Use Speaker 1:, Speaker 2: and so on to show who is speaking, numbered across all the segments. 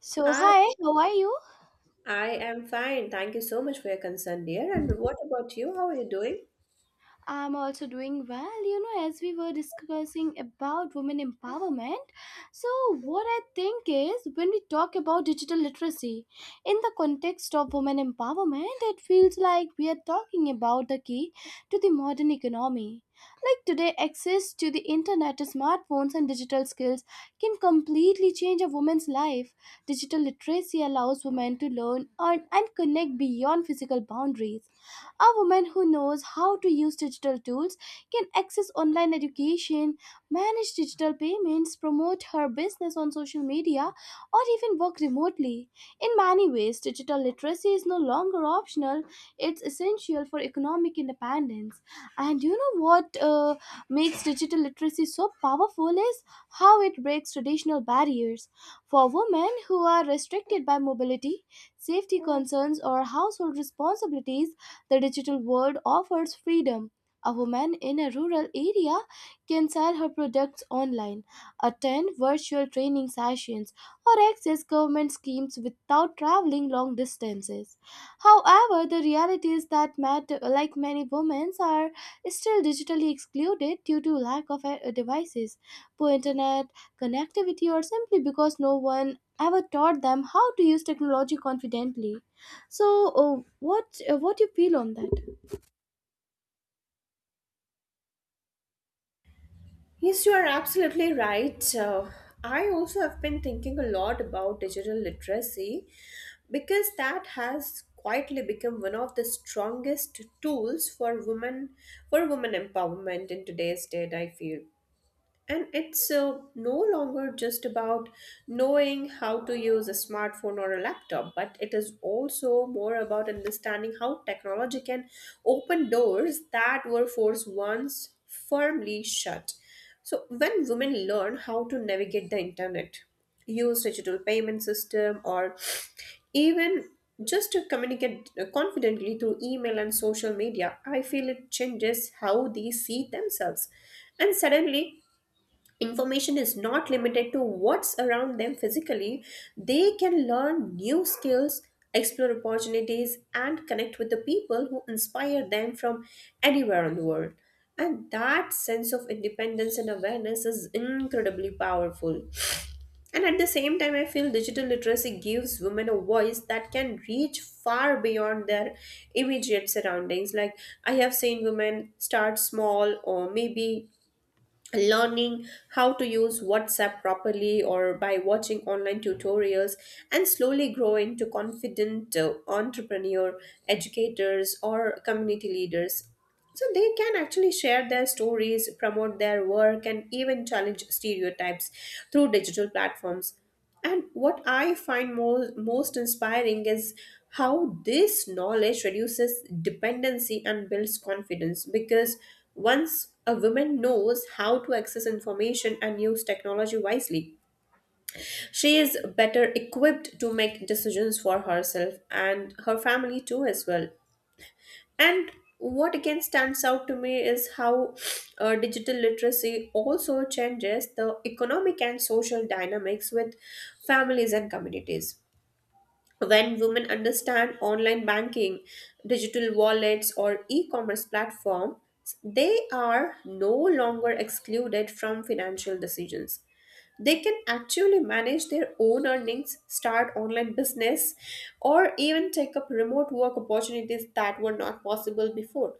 Speaker 1: So,
Speaker 2: Hi,
Speaker 1: hi, how are you?
Speaker 2: I am fine. Thank you so much for your concern, dear. And what about you? How are you doing?
Speaker 1: I'm also doing well. You know, as we were discussing about women empowerment, so what I think is when we talk about digital literacy in the context of women empowerment, it feels like we are talking about the key to the modern economy. Like today, access to the internet, smartphones, and digital skills can completely change a woman's life. Digital literacy allows women to learn, earn, and connect beyond physical boundaries. A woman who knows how to use digital tools can access online education, manage digital payments, promote her business on social media, or even work remotely. In many ways, digital literacy is no longer optional, it's essential for economic independence. And you know what makes digital literacy so powerful is how it breaks traditional barriers. For women who are restricted by mobility, safety concerns, or household responsibilities, the digital world offers freedom. A woman in a rural area can sell her products online, attend virtual training sessions, or access government schemes without traveling long distances. However, the reality is that matter, like many women are still digitally excluded due to lack of devices, poor internet connectivity, or simply because no one ever taught them how to use technology confidently. So, what you feel on that?
Speaker 2: Yes, you are absolutely right. I also have been thinking a lot about digital literacy because that has quietly become one of the strongest tools for women empowerment in today's date, I feel. And it's no longer just about knowing how to use a smartphone or a laptop, but it is also more about understanding how technology can open doors that were forced once firmly shut. So, when women learn how to navigate the internet, use digital payment system, or even just to communicate confidently through email and social media, I feel it changes how they see themselves. And suddenly, information is not limited to what's around them physically, they can learn new skills, explore opportunities, and connect with the people who inspire them from anywhere in the world. And that sense of independence and awareness is incredibly powerful. And at the same time, I feel digital literacy gives women a voice that can reach far beyond their immediate surroundings. Like, I have seen women start small or maybe learning how to use WhatsApp properly or by watching online tutorials and slowly grow into confident entrepreneur, educators or community leaders. So they can actually share their stories, promote their work, and even challenge stereotypes through digital platforms. And what I find most inspiring is how this knowledge reduces dependency and builds confidence because once a woman knows how to access information and use technology wisely, she is better equipped to make decisions for herself and her family too, as well. And what again stands out to me is how digital literacy also changes the economic and social dynamics with families and communities. When women understand online banking, digital wallets, or e commerce platforms, they are no longer excluded from financial decisions. They can actually manage their own earnings, start online business, or even take up remote work opportunities that were not possible before.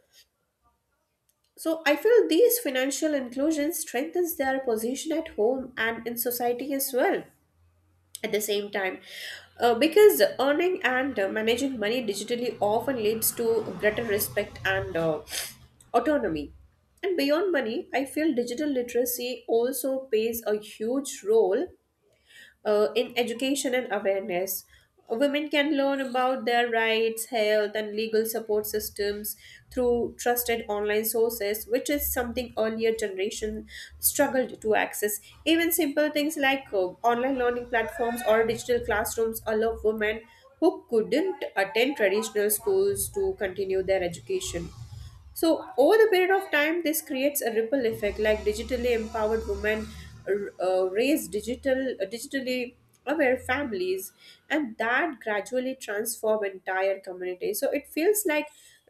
Speaker 2: So I feel these financial inclusions strengthens their position at home and in society as well. At the same time, because earning and managing money digitally often leads to greater respect and autonomy. And beyond money, I feel digital literacy also plays a huge role in education and awareness. Women can learn about their rights, health, and legal support systems through trusted online sources, which is something earlier generation struggled to access. Even simple things like online learning platforms or digital classrooms allow women who couldn't attend traditional schools to continue their education. So, over the period of time, this creates a ripple effect like digitally empowered women raise digitally aware families, and that gradually transform entire community. So, it feels like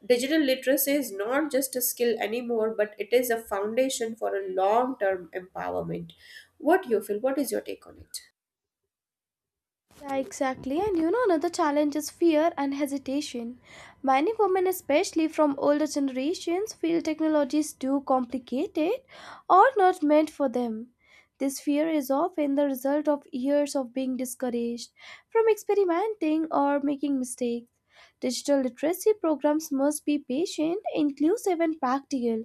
Speaker 2: digital literacy is not just a skill anymore, but it is a foundation for a long term empowerment. What do you feel? What is your take on it?
Speaker 1: Yeah, exactly. And you know, another challenge is fear and hesitation. Many women, especially from older generations, feel technology is too complicated or not meant for them. This fear is often the result of years of being discouraged from experimenting or making mistakes. Digital literacy programs must be patient, inclusive, and practical,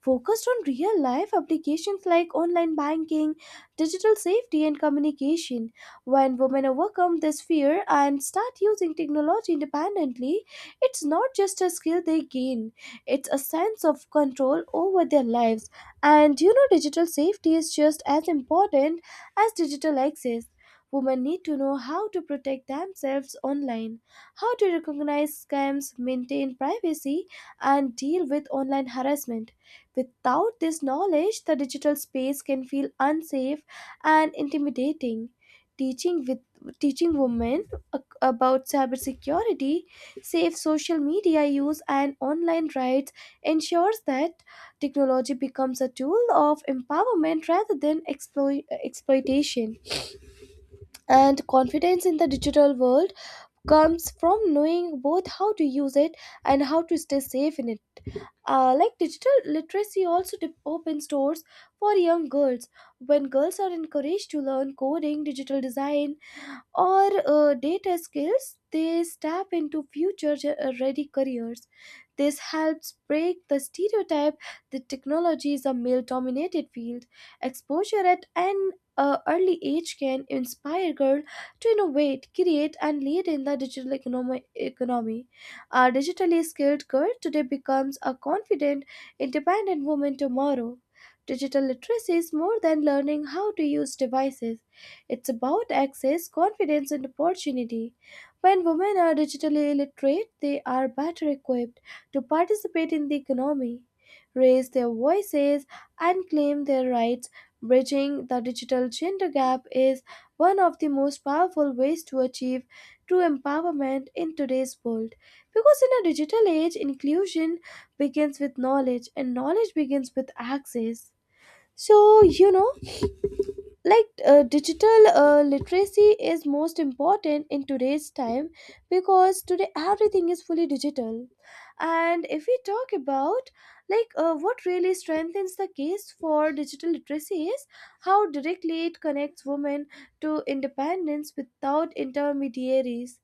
Speaker 1: focused on real life applications like online banking, digital safety, and communication. When women overcome this fear and start using technology independently, it's not just a skill they gain, it's a sense of control over their lives. And you know, digital safety is just as important as digital access. Women need to know how to protect themselves online, how to recognize scams, maintain privacy, and deal with online harassment. Without this knowledge, the digital space can feel unsafe and intimidating. Teaching women about cybersecurity, safe social media use, and online rights ensures that technology becomes a tool of empowerment rather than exploitation. And confidence in the digital world comes from knowing both how to use it and how to stay safe in it. Like digital literacy also opens doors for young girls. When girls are encouraged to learn coding, digital design, or data skills, they step into future ready careers. This helps break the stereotype that technology is a male dominated field. Exposure at an early age can inspire girls to innovate, create, and lead in the digital economy. A digitally skilled girl today becomes a confident, independent woman tomorrow. Digital literacy is more than learning how to use devices. It's about access, confidence, and opportunity. When women are digitally literate, they are better equipped to participate in the economy, raise their voices, and claim their rights. Bridging the digital gender gap is one of the most powerful ways to achieve true empowerment in today's world. Because in a digital age, inclusion begins with knowledge, and knowledge begins with access. So, you know, like digital literacy is most important in today's time because today everything is fully digital, and if we talk about, what really strengthens the case for digital literacy is how directly it connects women to independence without intermediaries.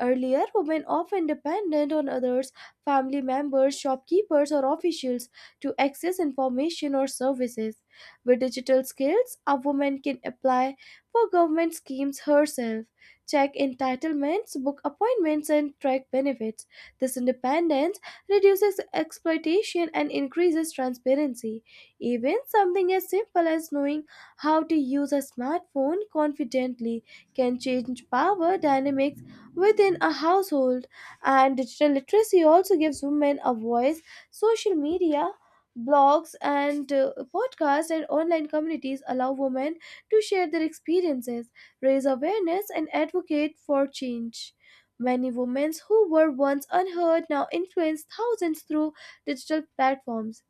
Speaker 1: Earlier, women often depended on others, family members, shopkeepers, or officials to access information or services. With digital skills, a woman can apply for government schemes herself, check entitlements, book appointments, and track benefits. This independence reduces exploitation and increases transparency. Even something as simple as knowing how to use a smartphone confidently can change power dynamics within a household. And digital literacy also gives women a voice. Social media, blogs, and podcasts and online communities allow women to share their experiences, raise awareness, and advocate for change. Many women who were once unheard now influence thousands through digital platforms.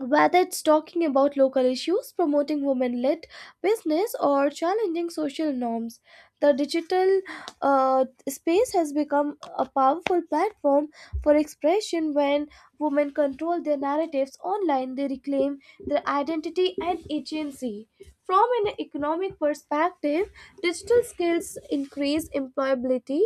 Speaker 1: Whether it's talking about local issues, promoting women led business, or challenging social norms, the digital space has become a powerful platform for expression. When women control their narratives online, they reclaim their identity and agency. From an economic perspective, digital skills increase employability.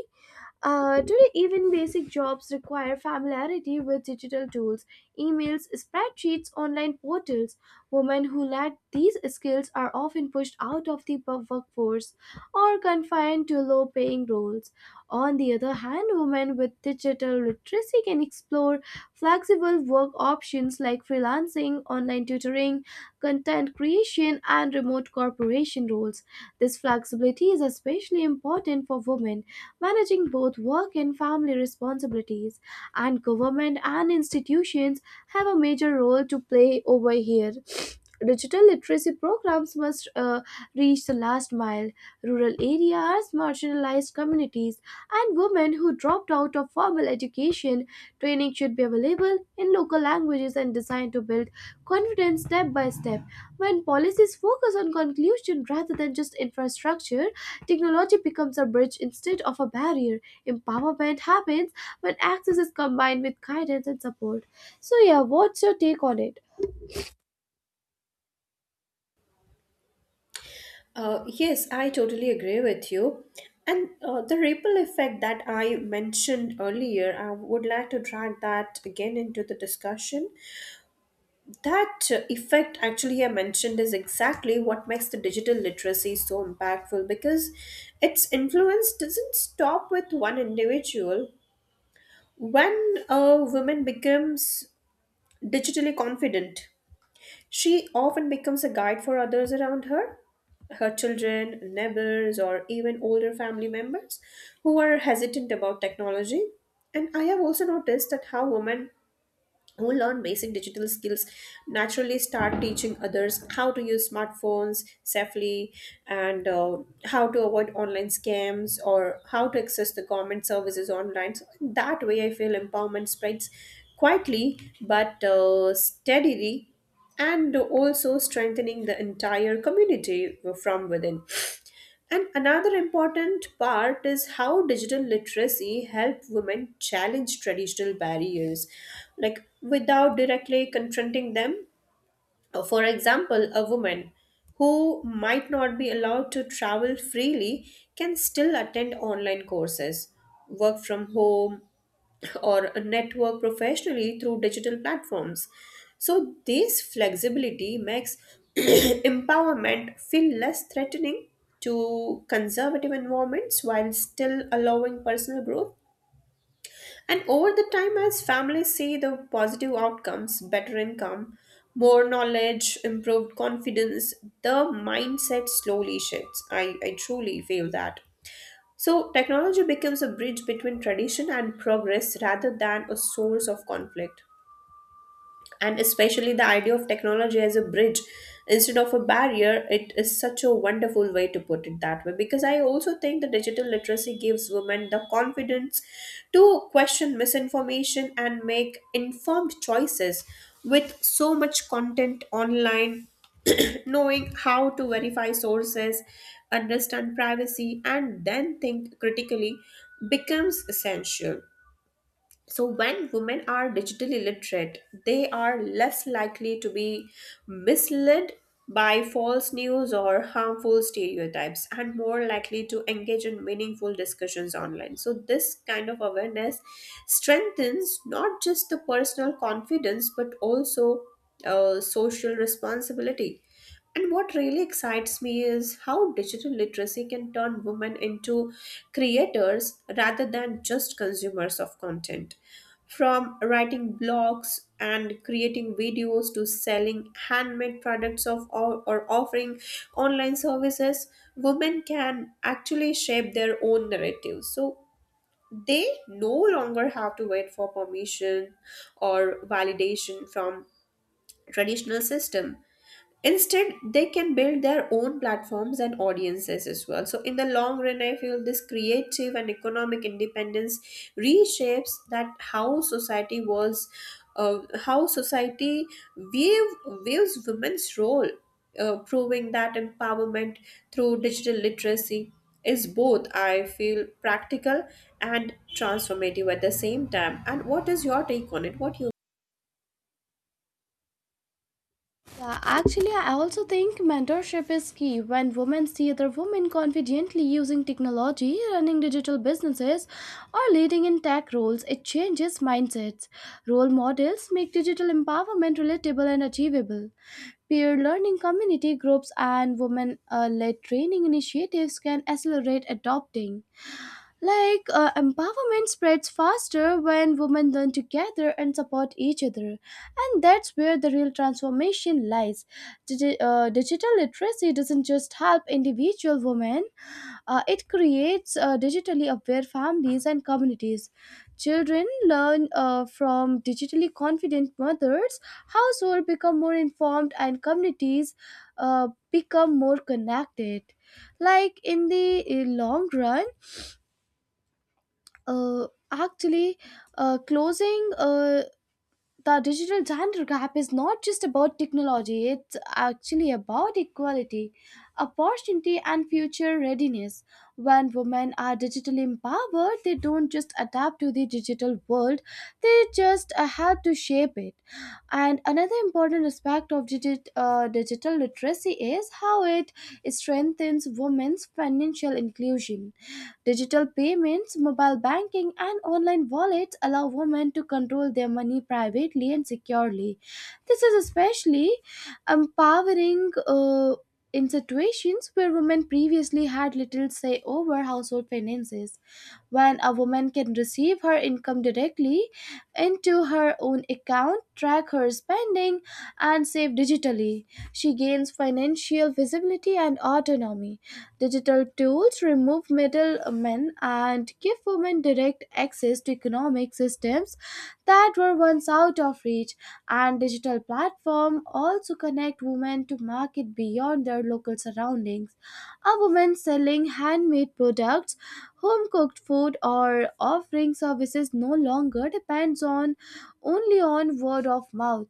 Speaker 1: Today, even basic jobs require familiarity with digital tools, emails, spreadsheets, online portals. Women who lack these skills are often pushed out of the workforce or confined to low paying roles. On the other hand, women with digital literacy can explore flexible work options like freelancing, online tutoring, content creation, and remote corporation roles. This flexibility is especially important for women managing both work and family responsibilities, and government and institutions have a major role to play over here. Digital literacy programs must reach the last mile, rural areas, marginalized communities, and women who dropped out of formal education. Training should be available in local languages and designed to build confidence step by step. When policies focus on conclusion rather than just infrastructure, technology becomes a bridge instead of a barrier. Empowerment happens when access is combined with guidance and support. So, yeah, what's your take on it?
Speaker 2: Yes, I totally agree with you. And the ripple effect that I mentioned earlier, I would like to drag that again into the discussion. That effect, actually, I mentioned is exactly what makes the digital literacy so impactful because its influence doesn't stop with one individual. When a woman becomes digitally confident, she often becomes a guide for others around her, her children, neighbors, or even older family members who are hesitant about technology. And I have also noticed that how women who learn basic digital skills naturally start teaching others how to use smartphones safely and how to avoid online scams or how to access the government services online, so that way I feel empowerment spreads quietly but steadily, and also strengthening the entire community from within. And another important part is how digital literacy help women challenge traditional barriers, like without directly confronting them. For example, a woman who might not be allowed to travel freely can still attend online courses, work from home, or network professionally through digital platforms. So, this flexibility makes empowerment feel less threatening to conservative environments while still allowing personal growth. And over the time, as families see the positive outcomes, better income, more knowledge, improved confidence, the mindset slowly shifts. I truly feel that. So, technology becomes a bridge between tradition and progress rather than a source of conflict, and especially the idea of technology as a bridge instead of a barrier, it is such a wonderful way to put it that way, because I also think the digital literacy gives women the confidence to question misinformation and make informed choices. With so much content online, knowing how to verify sources, understand privacy, and then think critically becomes essential. So, when women are digitally literate, they are less likely to be misled by false news or harmful stereotypes, and more likely to engage in meaningful discussions online. So, this kind of awareness strengthens not just the personal confidence but also social responsibility. And what really excites me is how digital literacy can turn women into creators rather than just consumers of content. From writing blogs and creating videos to selling handmade products or offering online services, women can actually shape their own narratives. So they no longer have to wait for permission or validation from traditional system. Instead, they can build their own platforms and audiences as well. So, in the long run, I feel this creative and economic independence reshapes that how uh, society view, views women's role, proving that empowerment through digital literacy is both, I feel, practical and transformative at the same time. And what is your take on it? What you
Speaker 1: Yeah, actually, I also think mentorship is key. When women see other women confidently using technology, running digital businesses, or leading in tech roles, it changes mindsets. Role models make digital empowerment relatable and achievable. Peer learning community groups and women led training initiatives can accelerate adopting. Like, empowerment spreads faster when women learn together and support each other. And that's where the real transformation lies. Digital literacy doesn't just help individual women, it creates digitally aware families and communities. Children learn from digitally confident mothers, households become more informed, and communities become more connected. Like, in the long run, actually closing the digital gender gap is not just about technology, it's actually about equality, opportunity, and future readiness. When women are digitally empowered, they don't just adapt to the digital world, they just help to shape it. And another important aspect of digital literacy is how it strengthens women's financial inclusion. Digital payments, mobile banking, and online wallets allow women to control their money privately and securely. This is especially empowering, in situations where women previously had little say over household finances. When a woman can receive her income directly into her own account, track her spending, and save digitally, she gains financial visibility and autonomy. Digital tools remove middlemen and give women direct access to economic systems that were once out of reach. And digital platforms also connect women to market beyond their local surroundings. A woman selling handmade products, home cooked food, or offering services no longer depends on only on word of mouth.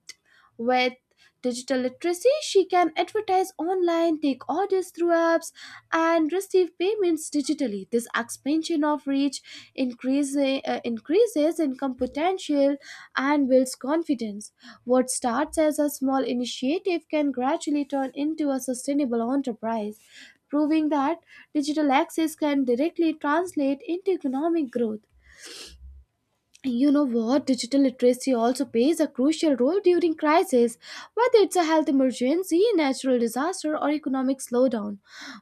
Speaker 1: With digital literacy, she can advertise online, take orders through apps, and receive payments digitally. This expansion of reach increases income potential and builds confidence. What starts as a small initiative can gradually turn into a sustainable enterprise, proving that digital access can directly translate into economic growth. You know what, digital literacy also plays a crucial role during crisis, whether it's a health emergency, natural disaster, or economic slowdown.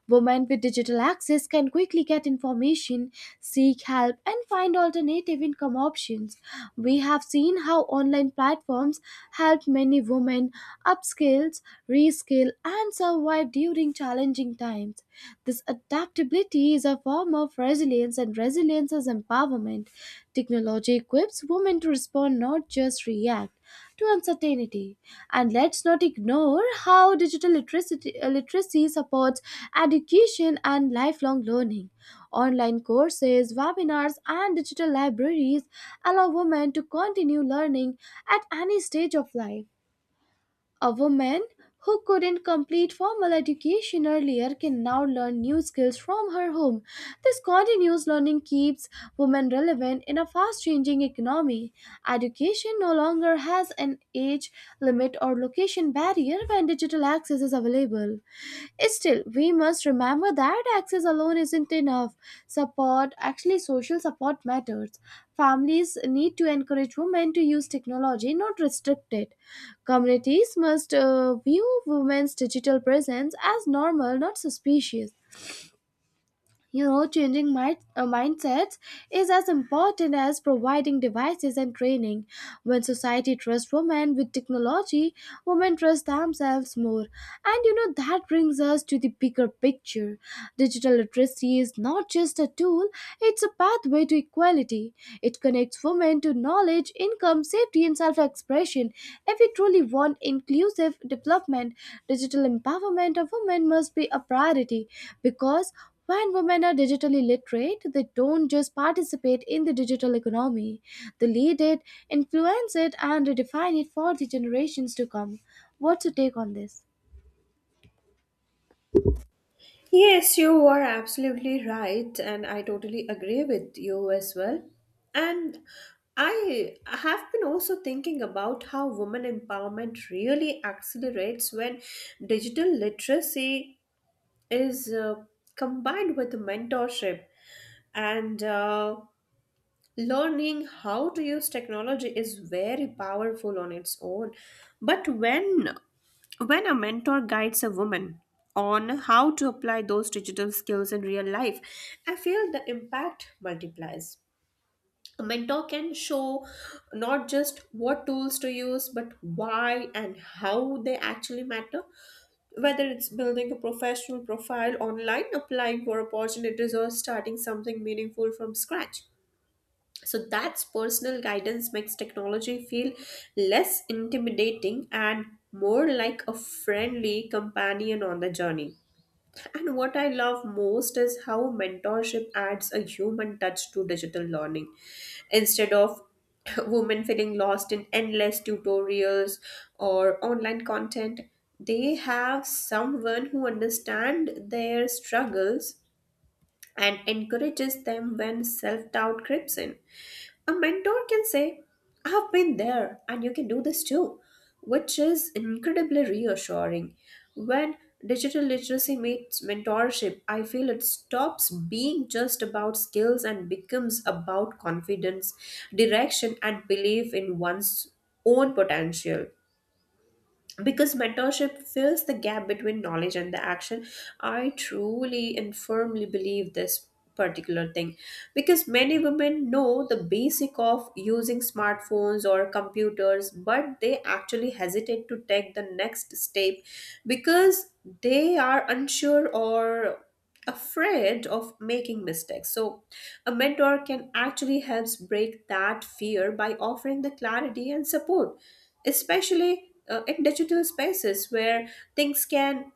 Speaker 1: Women with digital access can quickly get information, seek help, and find alternative income options. We have seen how online platforms helped many women upskill, reskill, and survive during challenging times. This adaptability is a form of resilience, and resilience is empowerment. Technology equips women to respond, not just react, to uncertainty. And let's not ignore how digital literacy supports education and lifelong learning. Online courses, webinars, and digital libraries allow women to continue learning at any stage of life. A woman who couldn't complete formal education earlier can now learn new skills from her home. This continuous learning keeps women relevant in a fast changing economy. Education no longer has an age limit or location barrier when digital access is available. Still, we must remember that access alone isn't enough. Support, actually, social support matters. Families need to encourage women to use technology, not restrict it. Communities must view women's digital presence as normal, not suspicious. You know, changing mindsets is as important as providing devices and training. When society trusts women with technology, women trust themselves more. And you know, that brings us to the bigger picture. Digital literacy is not just a tool, it's a pathway to equality. It connects women to knowledge, income, safety, and self-expression. If we truly want inclusive development, digital empowerment of women must be a priority, because when women are digitally literate, they don't just participate in the digital economy, they lead it, influence it, and redefine it for the generations to come. What's your take on this?
Speaker 2: Yes, you are absolutely right, and I totally agree with you as well. And I have been also thinking about how women empowerment really accelerates when digital literacy is combined with mentorship and learning how to use technology is very powerful on its own. But when a mentor guides a woman on how to apply those digital skills in real life, I feel the impact multiplies. A mentor can show not just what tools to use, but why and how they actually matter. Whether it's building a professional profile online, applying for opportunities, or starting something meaningful from scratch. So that's personal guidance makes technology feel less intimidating and more like a friendly companion on the journey. And what I love most is how mentorship adds a human touch to digital learning. Instead of women feeling lost in endless tutorials or online content, they have someone who understands their struggles and encourages them when self doubt creeps in. A mentor can say, I've been there and you can do this too, which is incredibly reassuring. When digital literacy meets mentorship, I feel it stops being just about skills and becomes about confidence, direction, and belief in one's own potential, because mentorship fills the gap between knowledge and the action. I truly and firmly believe this particular thing, because many women know the basic of using smartphones or computers but they actually hesitate to take the next step because they are unsure or afraid of making mistakes. So a mentor can actually helps break that fear by offering the clarity and support, especially in digital spaces where things can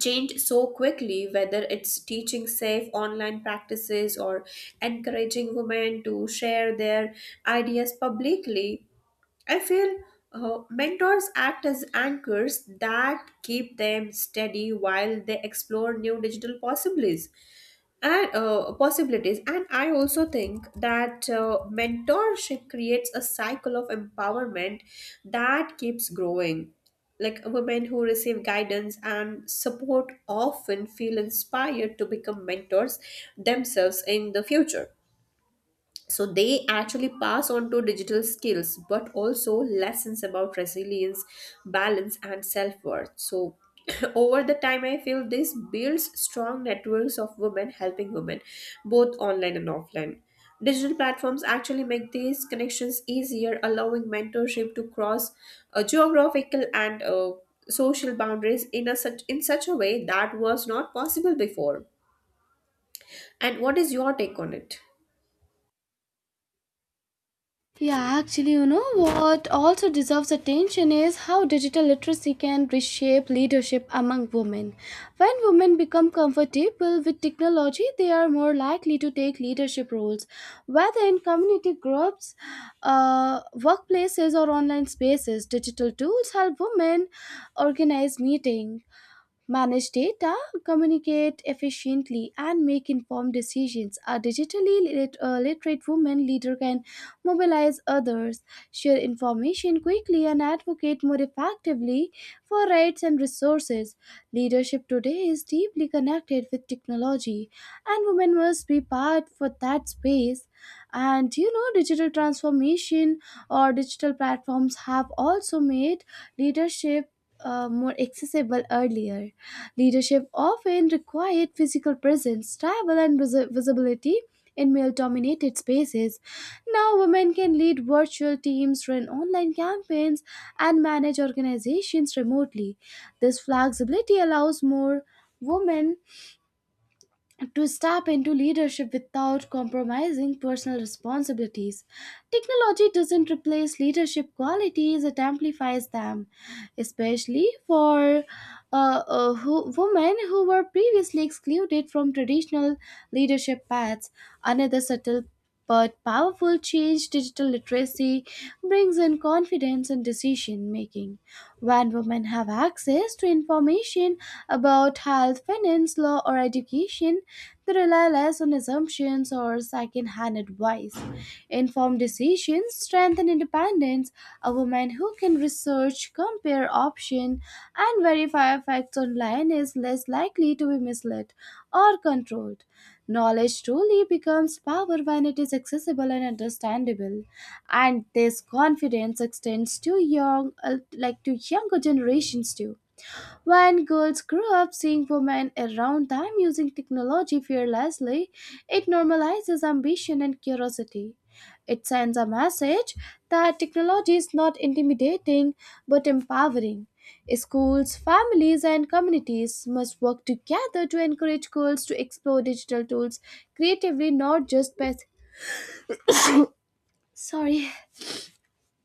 Speaker 2: change so quickly. Whether it's teaching safe online practices or encouraging women to share their ideas publicly, I feel mentors act as anchors that keep them steady while they explore new digital possibilities and I also think that mentorship creates a cycle of empowerment that keeps growing. Like, women who receive guidance and support often feel inspired to become mentors themselves in the future, so they actually pass on to digital skills but also lessons about resilience, balance and self-worth. So over the time I feel this builds strong networks of women helping women, both online and offline. Digital platforms actually make these connections easier, allowing mentorship to cross geographical and social boundaries in a such in such a way that was not possible before. And what is your take on it?
Speaker 1: Yeah, actually, you know what also deserves attention is how digital literacy can reshape leadership among women. When women become comfortable with technology, they are more likely to take leadership roles, whether in community groups, workplaces, or online spaces. Digital tools help women organize meetings manage data, communicate efficiently, and make informed decisions. A literate woman leader can mobilize others, share information quickly, and advocate more effectively for rights and resources. Leadership today is deeply connected with technology, and women must be part for that space. And you know, digital transformation or digital platforms have also made leadership more accessible earlier. Leadership often required physical presence, travel, and visibility in male dominated spaces. Now, women can lead virtual teams, run online campaigns, and manage organizations remotely. This flexibility allows more women to step into leadership without compromising personal responsibilities. Technology doesn't replace leadership qualities, it amplifies them, especially for women who were previously excluded from traditional leadership paths. Another subtle but powerful change digital literacy brings in confidence in decision making. When women have access to information about health, finance, law, or education, they rely less on assumptions or second hand advice. Informed decisions strengthen independence. A woman who can research, compare options, and verify facts online is less likely to be misled or controlled. Knowledge truly becomes power when it is accessible and understandable, and this confidence extends to younger generations too. When girls grow up seeing women around them using technology fearlessly, it normalizes ambition and curiosity. It sends a message that technology is not intimidating but empowering. Schools, families, and communities must work together to encourage girls to explore digital tools creatively, Sorry,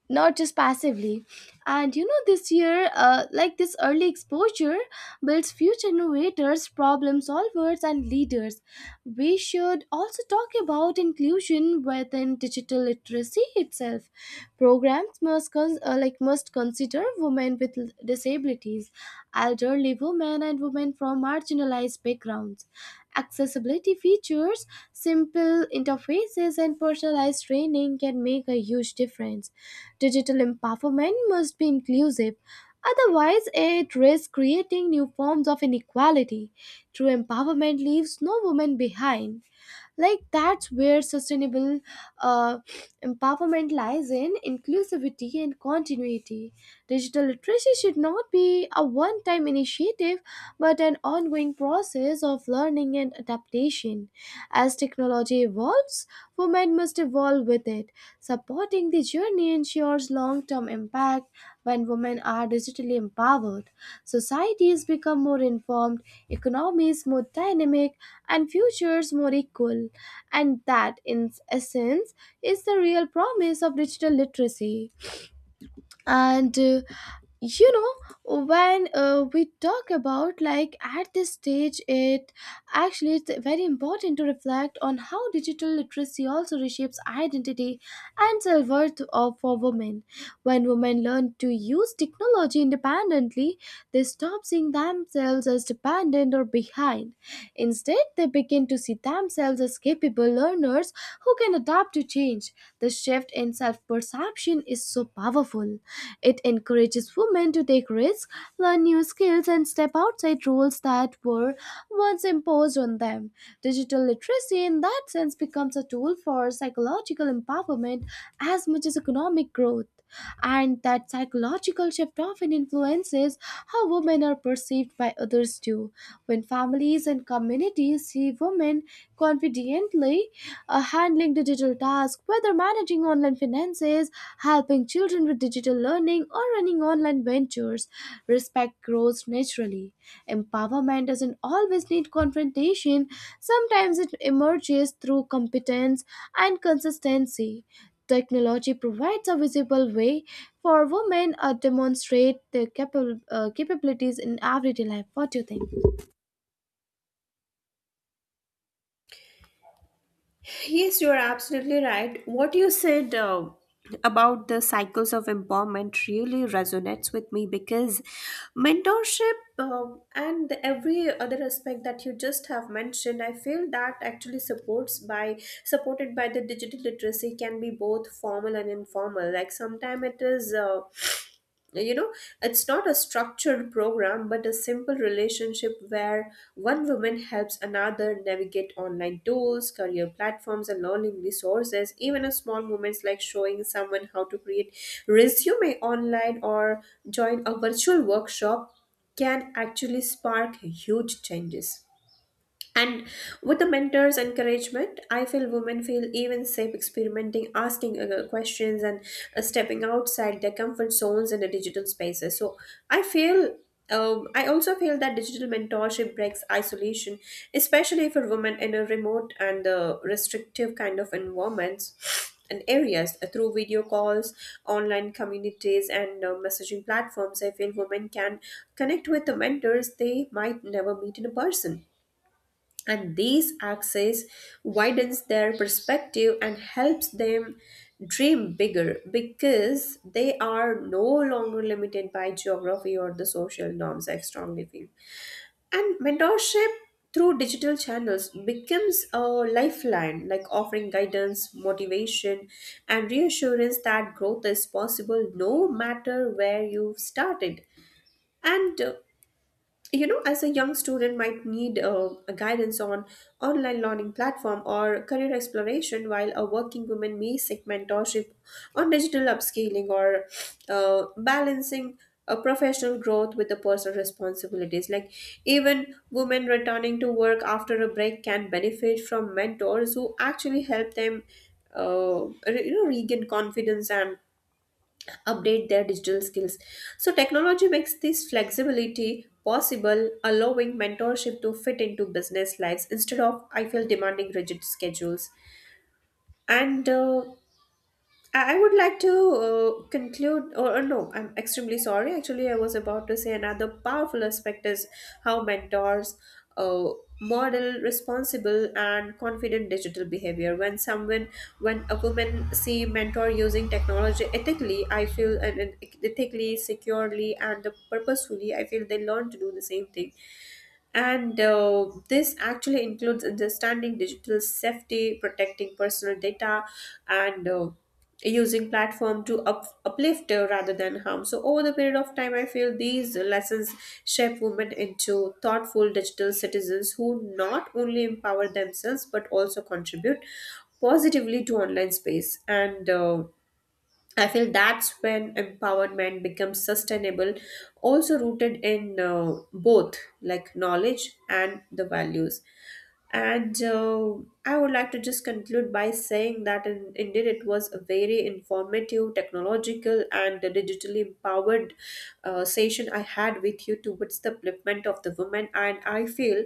Speaker 1: not just passively. And you know this year, this early exposure builds future innovators, problem solvers, and leaders. We should also talk about inclusion within digital literacy itself. Programs must consider women with disabilities, elderly women, and women from marginalized backgrounds. Accessibility features, simple interfaces, and personalized training can make a huge difference. Digital empowerment must be inclusive, otherwise, it risks creating new forms of inequality. True empowerment leaves no woman behind. Like, that's where sustainable uh, empowerment lies, in inclusivity and continuity. Digital literacy should not be a one time initiative but an ongoing process of learning and adaptation. As technology evolves, women must evolve people with it. Supporting the journey ensures long term impact when women are digitally empowered. Societies become more informed, economies more dynamic, and futures more equal. And that, in essence, is the real promise of digital literacy. And you know when we talk about, like, at this stage, it's very important to reflect on how digital literacy also reshapes identity and self-worth of for women. When women learn to use technology independently, they stop seeing themselves as dependent or behind. Instead, they begin to see themselves as capable learners who can adapt to change. The shift in self perception is so powerful. It encourages women to take risks, learn new skills, and step outside roles that were once imposed on them. Digital literacy, in that sense, becomes a tool for psychological empowerment as much as economic growth, and that psychological shift often influences how women are perceived by others too. When families and communities see women confidently handling digital tasks, whether managing online finances, helping children with digital learning, or running online ventures, respect grows naturally. Empowerment doesn't always need confrontation, sometimes it emerges through competence and consistency. Technology provides a visible way for women to demonstrate their capabilities in everyday life. What do you think?
Speaker 2: Yes, you are absolutely right. What you said about the cycles of empowerment really resonates with me, because mentorship and every other aspect that you just have mentioned, I feel that actually supports by supported by the digital literacy can be both formal and informal. Like sometimes it is. You know it's not a structured program but a simple relationship where one woman helps another navigate online tools, career platforms and learning resources. Even a small moments like showing someone how to create resume online or join a virtual workshop can actually spark huge changes. And with the mentor's encouragement, I feel women feel even safe experimenting, asking questions, and stepping outside their comfort zones in the digital spaces. So I feel. I also feel that digital mentorship breaks isolation, especially for women in a remote and restrictive kind of environments and areas, through video calls, online communities, and messaging platforms. I feel women can connect with the mentors they might never meet in a person, and these access widens their perspective and helps them dream bigger because they are no longer limited by geography or the social norms, I strongly feel. And mentorship through digital channels becomes a lifeline, like offering guidance, motivation and reassurance that growth is possible no matter where you've started. And as a young student might need a guidance on online learning platform or career exploration, while a working woman may seek mentorship on digital upscaling or balancing a professional growth with the personal responsibilities. Like, even women returning to work after a break can benefit from mentors who actually help them regain confidence and update their digital skills. So, technology makes this flexibility possible, allowing mentorship to fit into business lives instead of, I feel, demanding rigid schedules. And I would like to conclude, or no, I'm extremely sorry. Actually, I was about to say another powerful aspect is how mentors uh, model responsible and confident digital behavior. When a woman see mentor using technology ethically, I feel and ethically, securely, and purposefully, I feel they learn to do the same thing. And this actually includes understanding digital safety, protecting personal data, and using platform to uplift rather than harm. So over the period of time, I feel these lessons shape women into thoughtful digital citizens who not only empower themselves but also contribute positively to online space. And I feel that's when empowerment becomes sustainable, also rooted in both like knowledge and the values. And I would like to just conclude by saying that indeed it was a very informative, technological, and digitally empowered session I had with you towards the upliftment of the women. And I feel,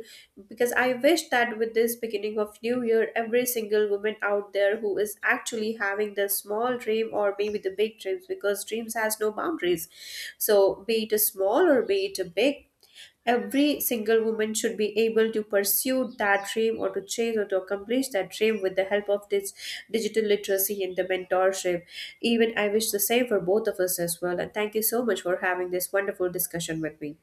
Speaker 2: because I wish that with this beginning of new year, every single woman out there who is actually having the small dream or maybe the big dreams, because dreams has no boundaries. So be it a small or be it a big. Every single woman should be able to pursue that dream or to chase or to accomplish that dream with the help of this digital literacy and the mentorship. Even I wish the same for both of us as well. And thank you so much for having this wonderful discussion with me.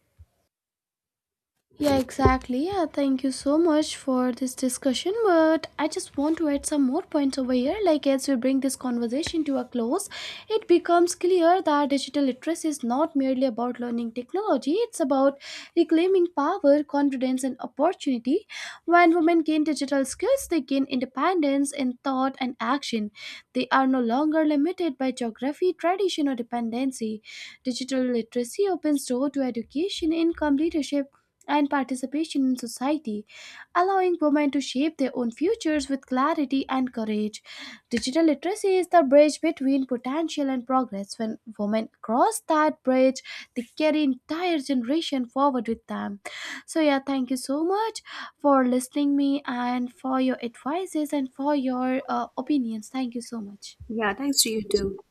Speaker 1: Yeah, exactly. Yeah, thank you so much for this discussion. But I just want to add some more points over here. Like, as we bring this conversation to a close, it becomes clear that digital literacy is not merely about learning technology, it's about reclaiming power, confidence, and opportunity. When women gain digital skills, they gain independence in thought and action. They are no longer limited by geography, tradition, or dependency. Digital literacy opens door to education, income, leadership, and participation in society, allowing women to shape their own futures with clarity and courage. Digital literacy is the bridge between potential and progress. When women cross that bridge, they carry entire generation forward with them. So yeah, thank you so much for listening me and for your advices and for your opinions. Thank you so much.
Speaker 2: Yeah, thanks to you too.